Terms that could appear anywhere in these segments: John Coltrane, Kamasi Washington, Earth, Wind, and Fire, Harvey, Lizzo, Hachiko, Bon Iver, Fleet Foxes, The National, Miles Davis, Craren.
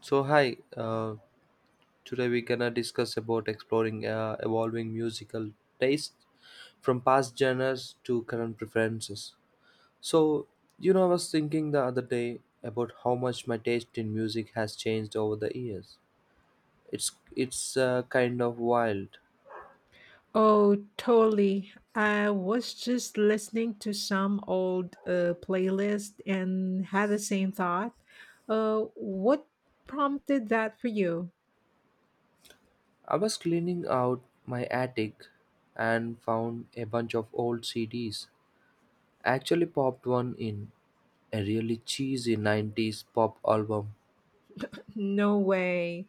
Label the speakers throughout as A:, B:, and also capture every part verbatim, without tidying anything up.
A: So hi, uh, today we gonna discuss about exploring uh, evolving musical taste from past genres to current preferences. So you know, I was thinking the other day about how much my taste in music has changed over the years. It's it's uh, kind of wild.
B: Oh, totally. I was just listening to some old uh, playlist and had the same thought. Uh, what prompted that for you?
A: I was cleaning out my attic and found a bunch of old C Ds. I actually popped one in a really cheesy nineties pop album.
B: No way.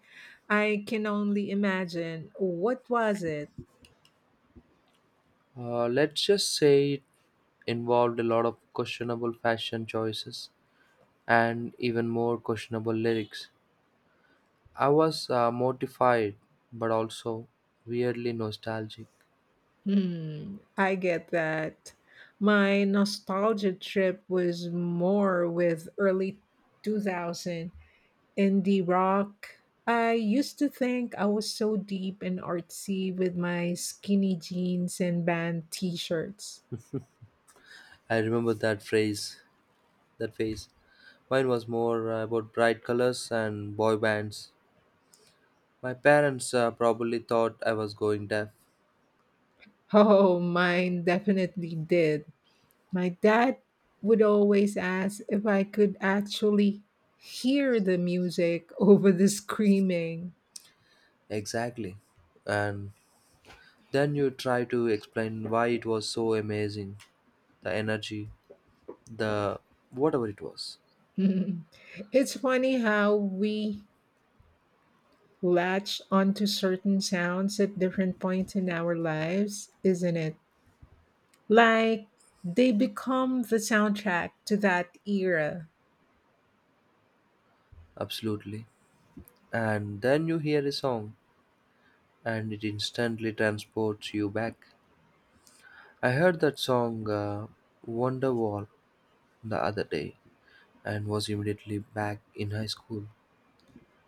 B: I can only imagine. What was it?
A: Uh, let's just say it involved a lot of questionable fashion choices and even more questionable lyrics. I was uh, mortified, but also weirdly nostalgic.
B: Hmm, I get that. My nostalgia trip was more with early two thousand. Indie rock. I used to think I was so deep and artsy with my skinny jeans and band t shirts.
A: I remember that phrase, that phase. Mine was more uh, about bright colors and boy bands. My parents uh, probably thought I was going deaf.
B: Oh, mine definitely did. My dad would always ask if I could actually hear the music over the screaming.
A: Exactly. And then you try to explain why it was so amazing, the energy, the whatever it was.
B: It's funny how we latch onto certain sounds at different points in our lives, isn't it? Like they become the soundtrack to that era.
A: Absolutely. And then you hear a song and it instantly transports you back. I heard that song uh, Wonderwall the other day and was immediately back in high school.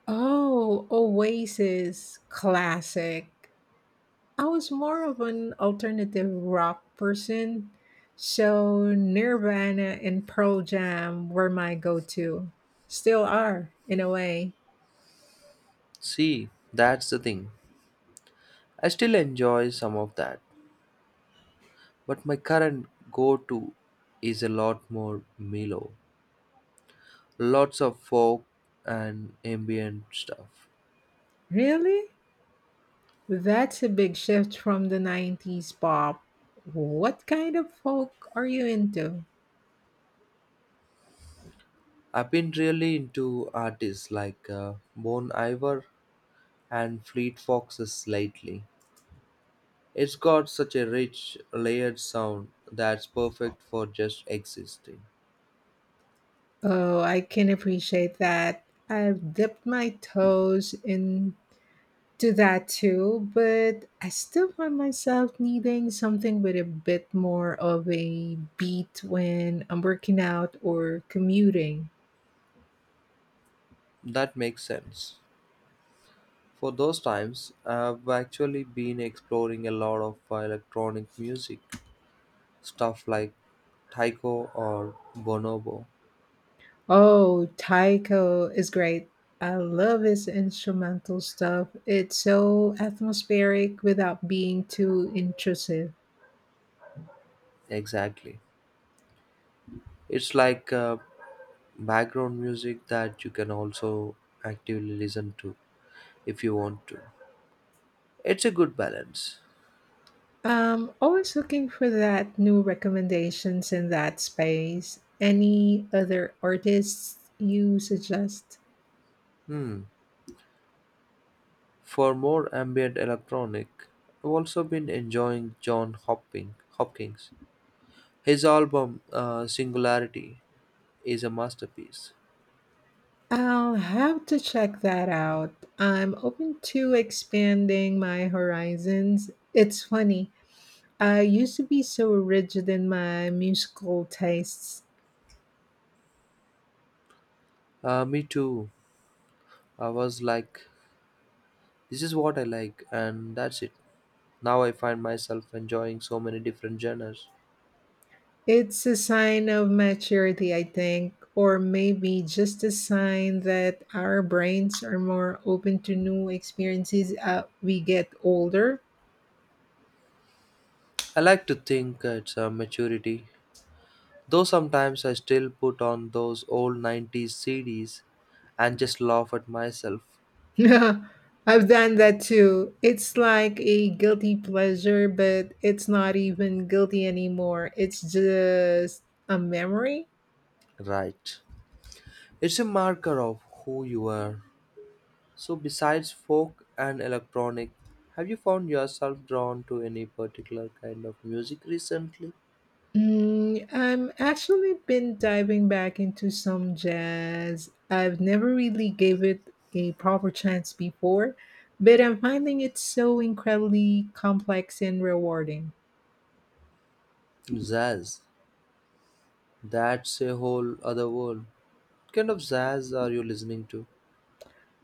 B: Oh, Oasis classic. I was more of an alternative rock person, so Nirvana and Pearl Jam were my go to. Still are, in a way.
A: See, that's the thing. I still enjoy some of that, but my current go to is a lot more mellow. Lots of folk and ambient stuff.
B: Really? That's a big shift from the nineties pop. What kind of folk are you into?
A: I've been really into artists like uh, Bon Iver and Fleet Foxes slightly. It's got such a rich, layered sound that's perfect for just existing.
B: Oh, I can appreciate that. I've dipped my toes into that too, but I still find myself needing something with a bit more of a beat when I'm working out or commuting.
A: That makes sense. For those times, I've actually been exploring a lot of electronic music, stuff like taiko or bonobo.
B: Oh, Taiko is great. I love his instrumental stuff. It's so atmospheric without being too intrusive.
A: Exactly. It's like uh, background music that you can also actively listen to if you want to. It's a good balance.
B: Um, always looking for that new recommendations in that space. Any other artists you suggest?
A: Hmm. For more ambient electronic, I've also been enjoying John Hopkins. Hopkins. His album uh, Singularity is a masterpiece.
B: I'll have to check that out. I'm open to expanding my horizons. It's funny. I used to be so rigid in my musical tastes.
A: Uh, me too. I was like, this is what I like, and that's it. Now I find myself enjoying so many different genres.
B: It's a sign of maturity, I think, or maybe just a sign that our brains are more open to new experiences as we get older.
A: I like to think it's a maturity, though sometimes I still put on those old nineties C Ds and just laugh at myself.
B: I've done that too. It's like a guilty pleasure, but it's not even guilty anymore. It's just a memory.
A: Right. It's a marker of who you are. So, besides folk and electronic, have you found yourself drawn to any particular kind of music recently?
B: Mm, I'm actually been diving back into some jazz. I've never really gave it a proper chance before, but I'm finding it so incredibly complex and rewarding.
A: Jazz. That's a whole other world. What kind of jazz are you listening to?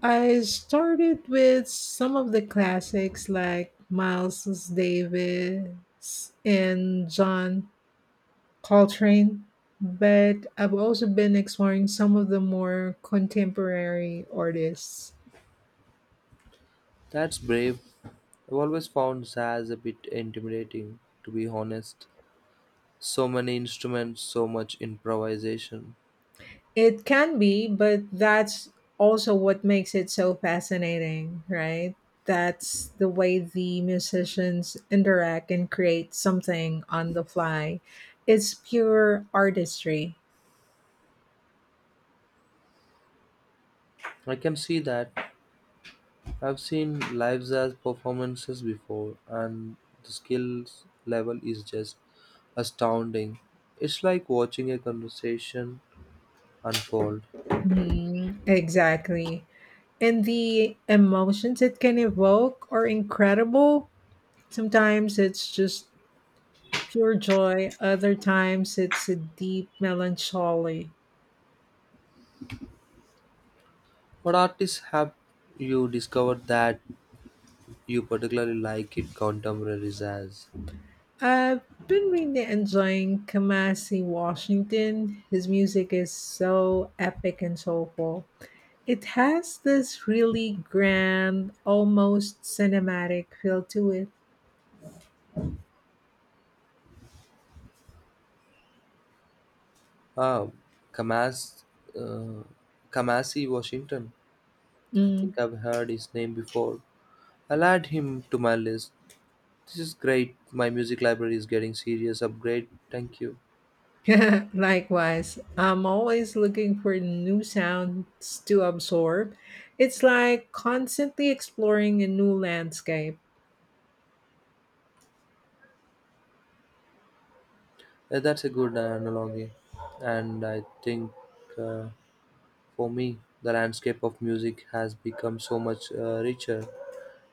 B: I started with some of the classics like Miles Davis and John Coltrane, but I've also been exploring some of the more contemporary artists.
A: That's brave. I've always found jazz a bit intimidating, to be honest. So many instruments, so much improvisation.
B: It can be, but that's also what makes it so fascinating, right? That's the way the musicians interact and create something on the fly. It's pure artistry.
A: I can see that. I've seen lives as performances before, and the skills level is just astounding. It's like watching a conversation unfold.
B: Mhm, exactly. And the emotions it can evoke are incredible. Sometimes it's just pure joy, other times it's a deep melancholy.
A: What artists have you discovered that you particularly like in contemporary jazz?
B: I've been really enjoying Kamasi Washington. His music is so epic and soulful. It has this really grand, almost cinematic feel to it.
A: Ah, Kamas, uh, Kamasi Washington. I
B: Mm.
A: think I've heard his name before. I'll add him to my list. This is great. My music library is getting serious upgrade. Thank you.
B: Likewise, I'm always looking for new sounds to absorb. It's like constantly exploring a new landscape.
A: Yeah, that's a good uh, analogy. And I think uh, for me, the landscape of music has become so much uh, richer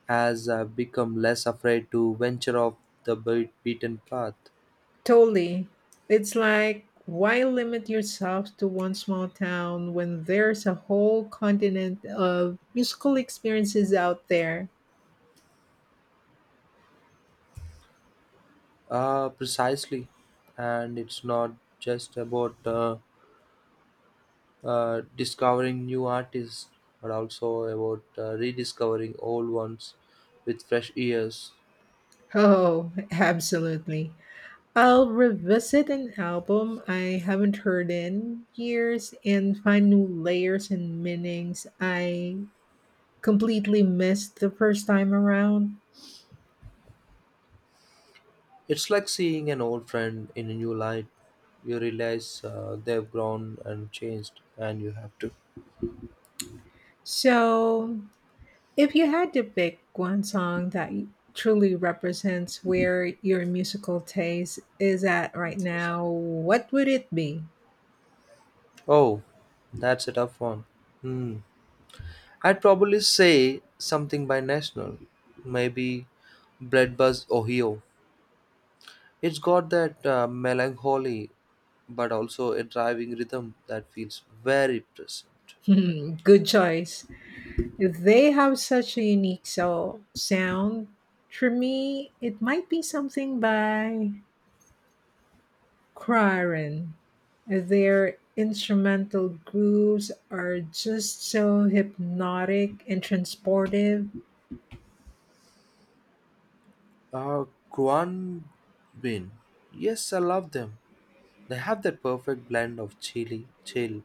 A: as I've become less afraid to venture off the beat- beaten path.
B: Totally. It's like, why limit yourself to one small town when there's a whole continent of musical experiences out there?
A: Uh, precisely. And it's not just about uh, uh, discovering new artists, but also about uh, rediscovering old ones with fresh ears.
B: Oh, absolutely. I'll revisit an album I haven't heard in years and find new layers and meanings I completely missed the first time around.
A: It's like seeing an old friend in a new light. You realize uh, they've grown and changed, and you have to.
B: So, if you had to pick one song that y- truly represents where your musical taste is at right now, what would it be?
A: Oh, that's a tough one. Hmm. I'd probably say something by National. Maybe Bread Buzz Ohio. It's got that uh, melancholy, but also a driving rhythm that feels very present.
B: Hmm, good choice. They have such a unique so- sound. For me, it might be something by Craren. Their instrumental grooves are just so hypnotic and transportive.
A: Uh, Guan Bin. Yes, I love them. They have that perfect blend of chilly, chill,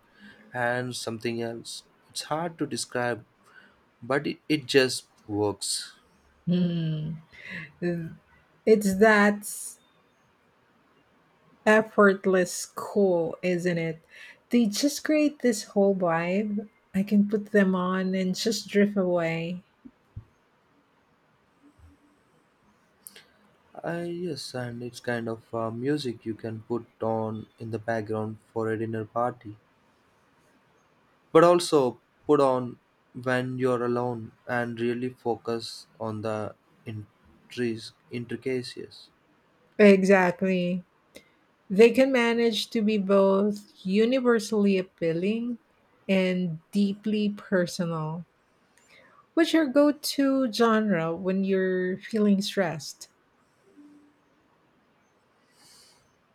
A: and something else. It's hard to describe, but it, it just works.
B: Hmm. It's that effortless cool, isn't it? They just create this whole vibe. I can put them on and just drift away.
A: Uh, yes, and it's kind of uh, music you can put on in the background for a dinner party, but also put on when you're alone and really focus on the intris- intricacies.
B: Exactly. They can manage to be both universally appealing and deeply personal. What's your go to genre when you're feeling stressed?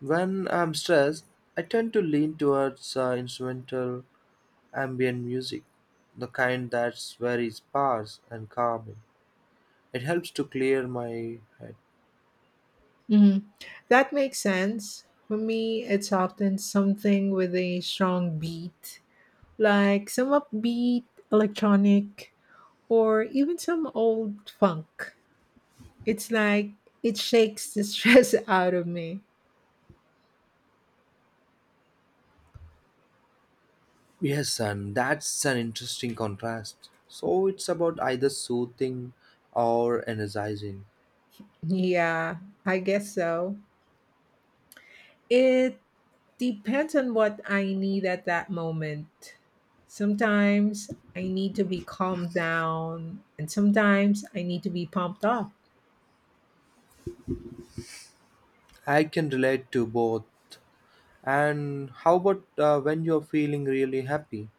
A: When I'm stressed, I tend to lean towards uh, instrumental ambient music, the kind that's very sparse and calming. It helps to clear my head.
B: Mhm. That makes sense. For me, it's often something with a strong beat, like some upbeat electronic or even some old funk. It's like it shakes the stress out of me.
A: Yes, and that's an interesting contrast. So it's about either soothing or energizing.
B: Yeah, I guess so. It depends on what I need at that moment. Sometimes I need to be calmed down, and sometimes I need to be pumped up.
A: I can relate to both. And how about uh, when you're feeling really happy?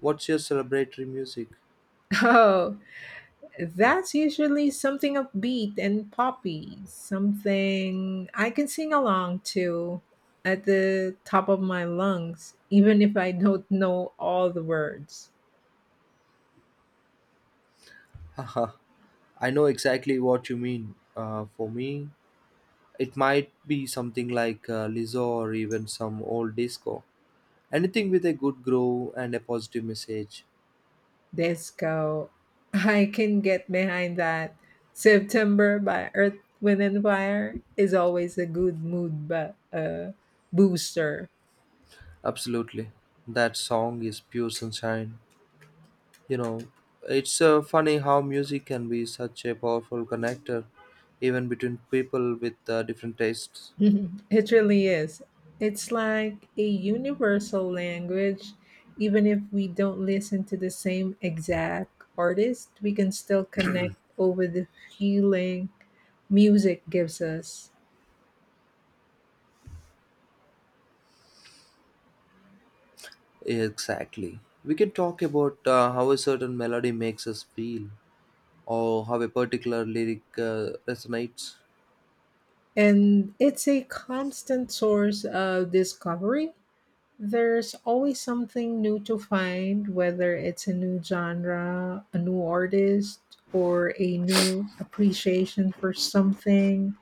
A: What's your celebratory music?
B: Oh, that's usually something upbeat and poppy, something I can sing along to at the top of my lungs, even if I don't know all the words.
A: Haha, I know exactly what you mean. Uh, for me, it might be something like uh, Lizzo or even some old disco. Anything with a good groove and a positive message.
B: Disco, I can get behind that. September by Earth, Wind, and Fire is always a good mood but, uh, booster.
A: Absolutely. That song is pure sunshine. You know, it's uh, funny how music can be such a powerful connector, even between people with uh, different tastes.
B: It really is. It's like a universal language. Even if we don't listen to the same exact artist, we can still connect over the feeling music gives us.
A: Exactly. We can talk about uh, how a certain melody makes us feel, or how a particular lyric uh, resonates.
B: And it's a constant source of discovery. There's always something new to find, whether it's a new genre, a new artist, or a new appreciation for something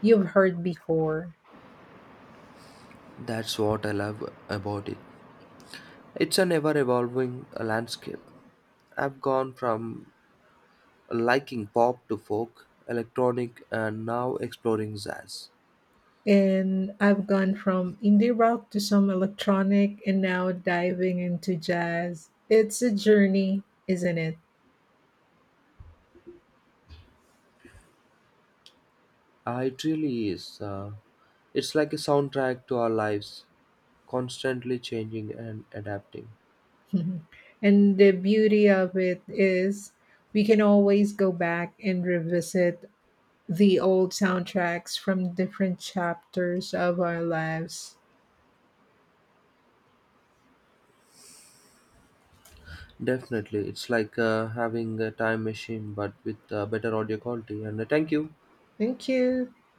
B: you've heard before.
A: That's what I love about it. It's a never evolving landscape. I've gone from liking pop to folk, electronic, and now exploring jazz.
B: And I've gone from indie rock to some electronic and now diving into jazz. It's a journey, isn't it?
A: Uh, it really is. Uh, it's like a soundtrack to our lives, constantly changing and adapting.
B: Mhm. And the beauty of it is we can always go back and revisit the old soundtracks from different chapters of our lives.
A: Definitely, it's like uh, having a time machine but with uh, better audio quality. And uh, thank you.
B: Thank you.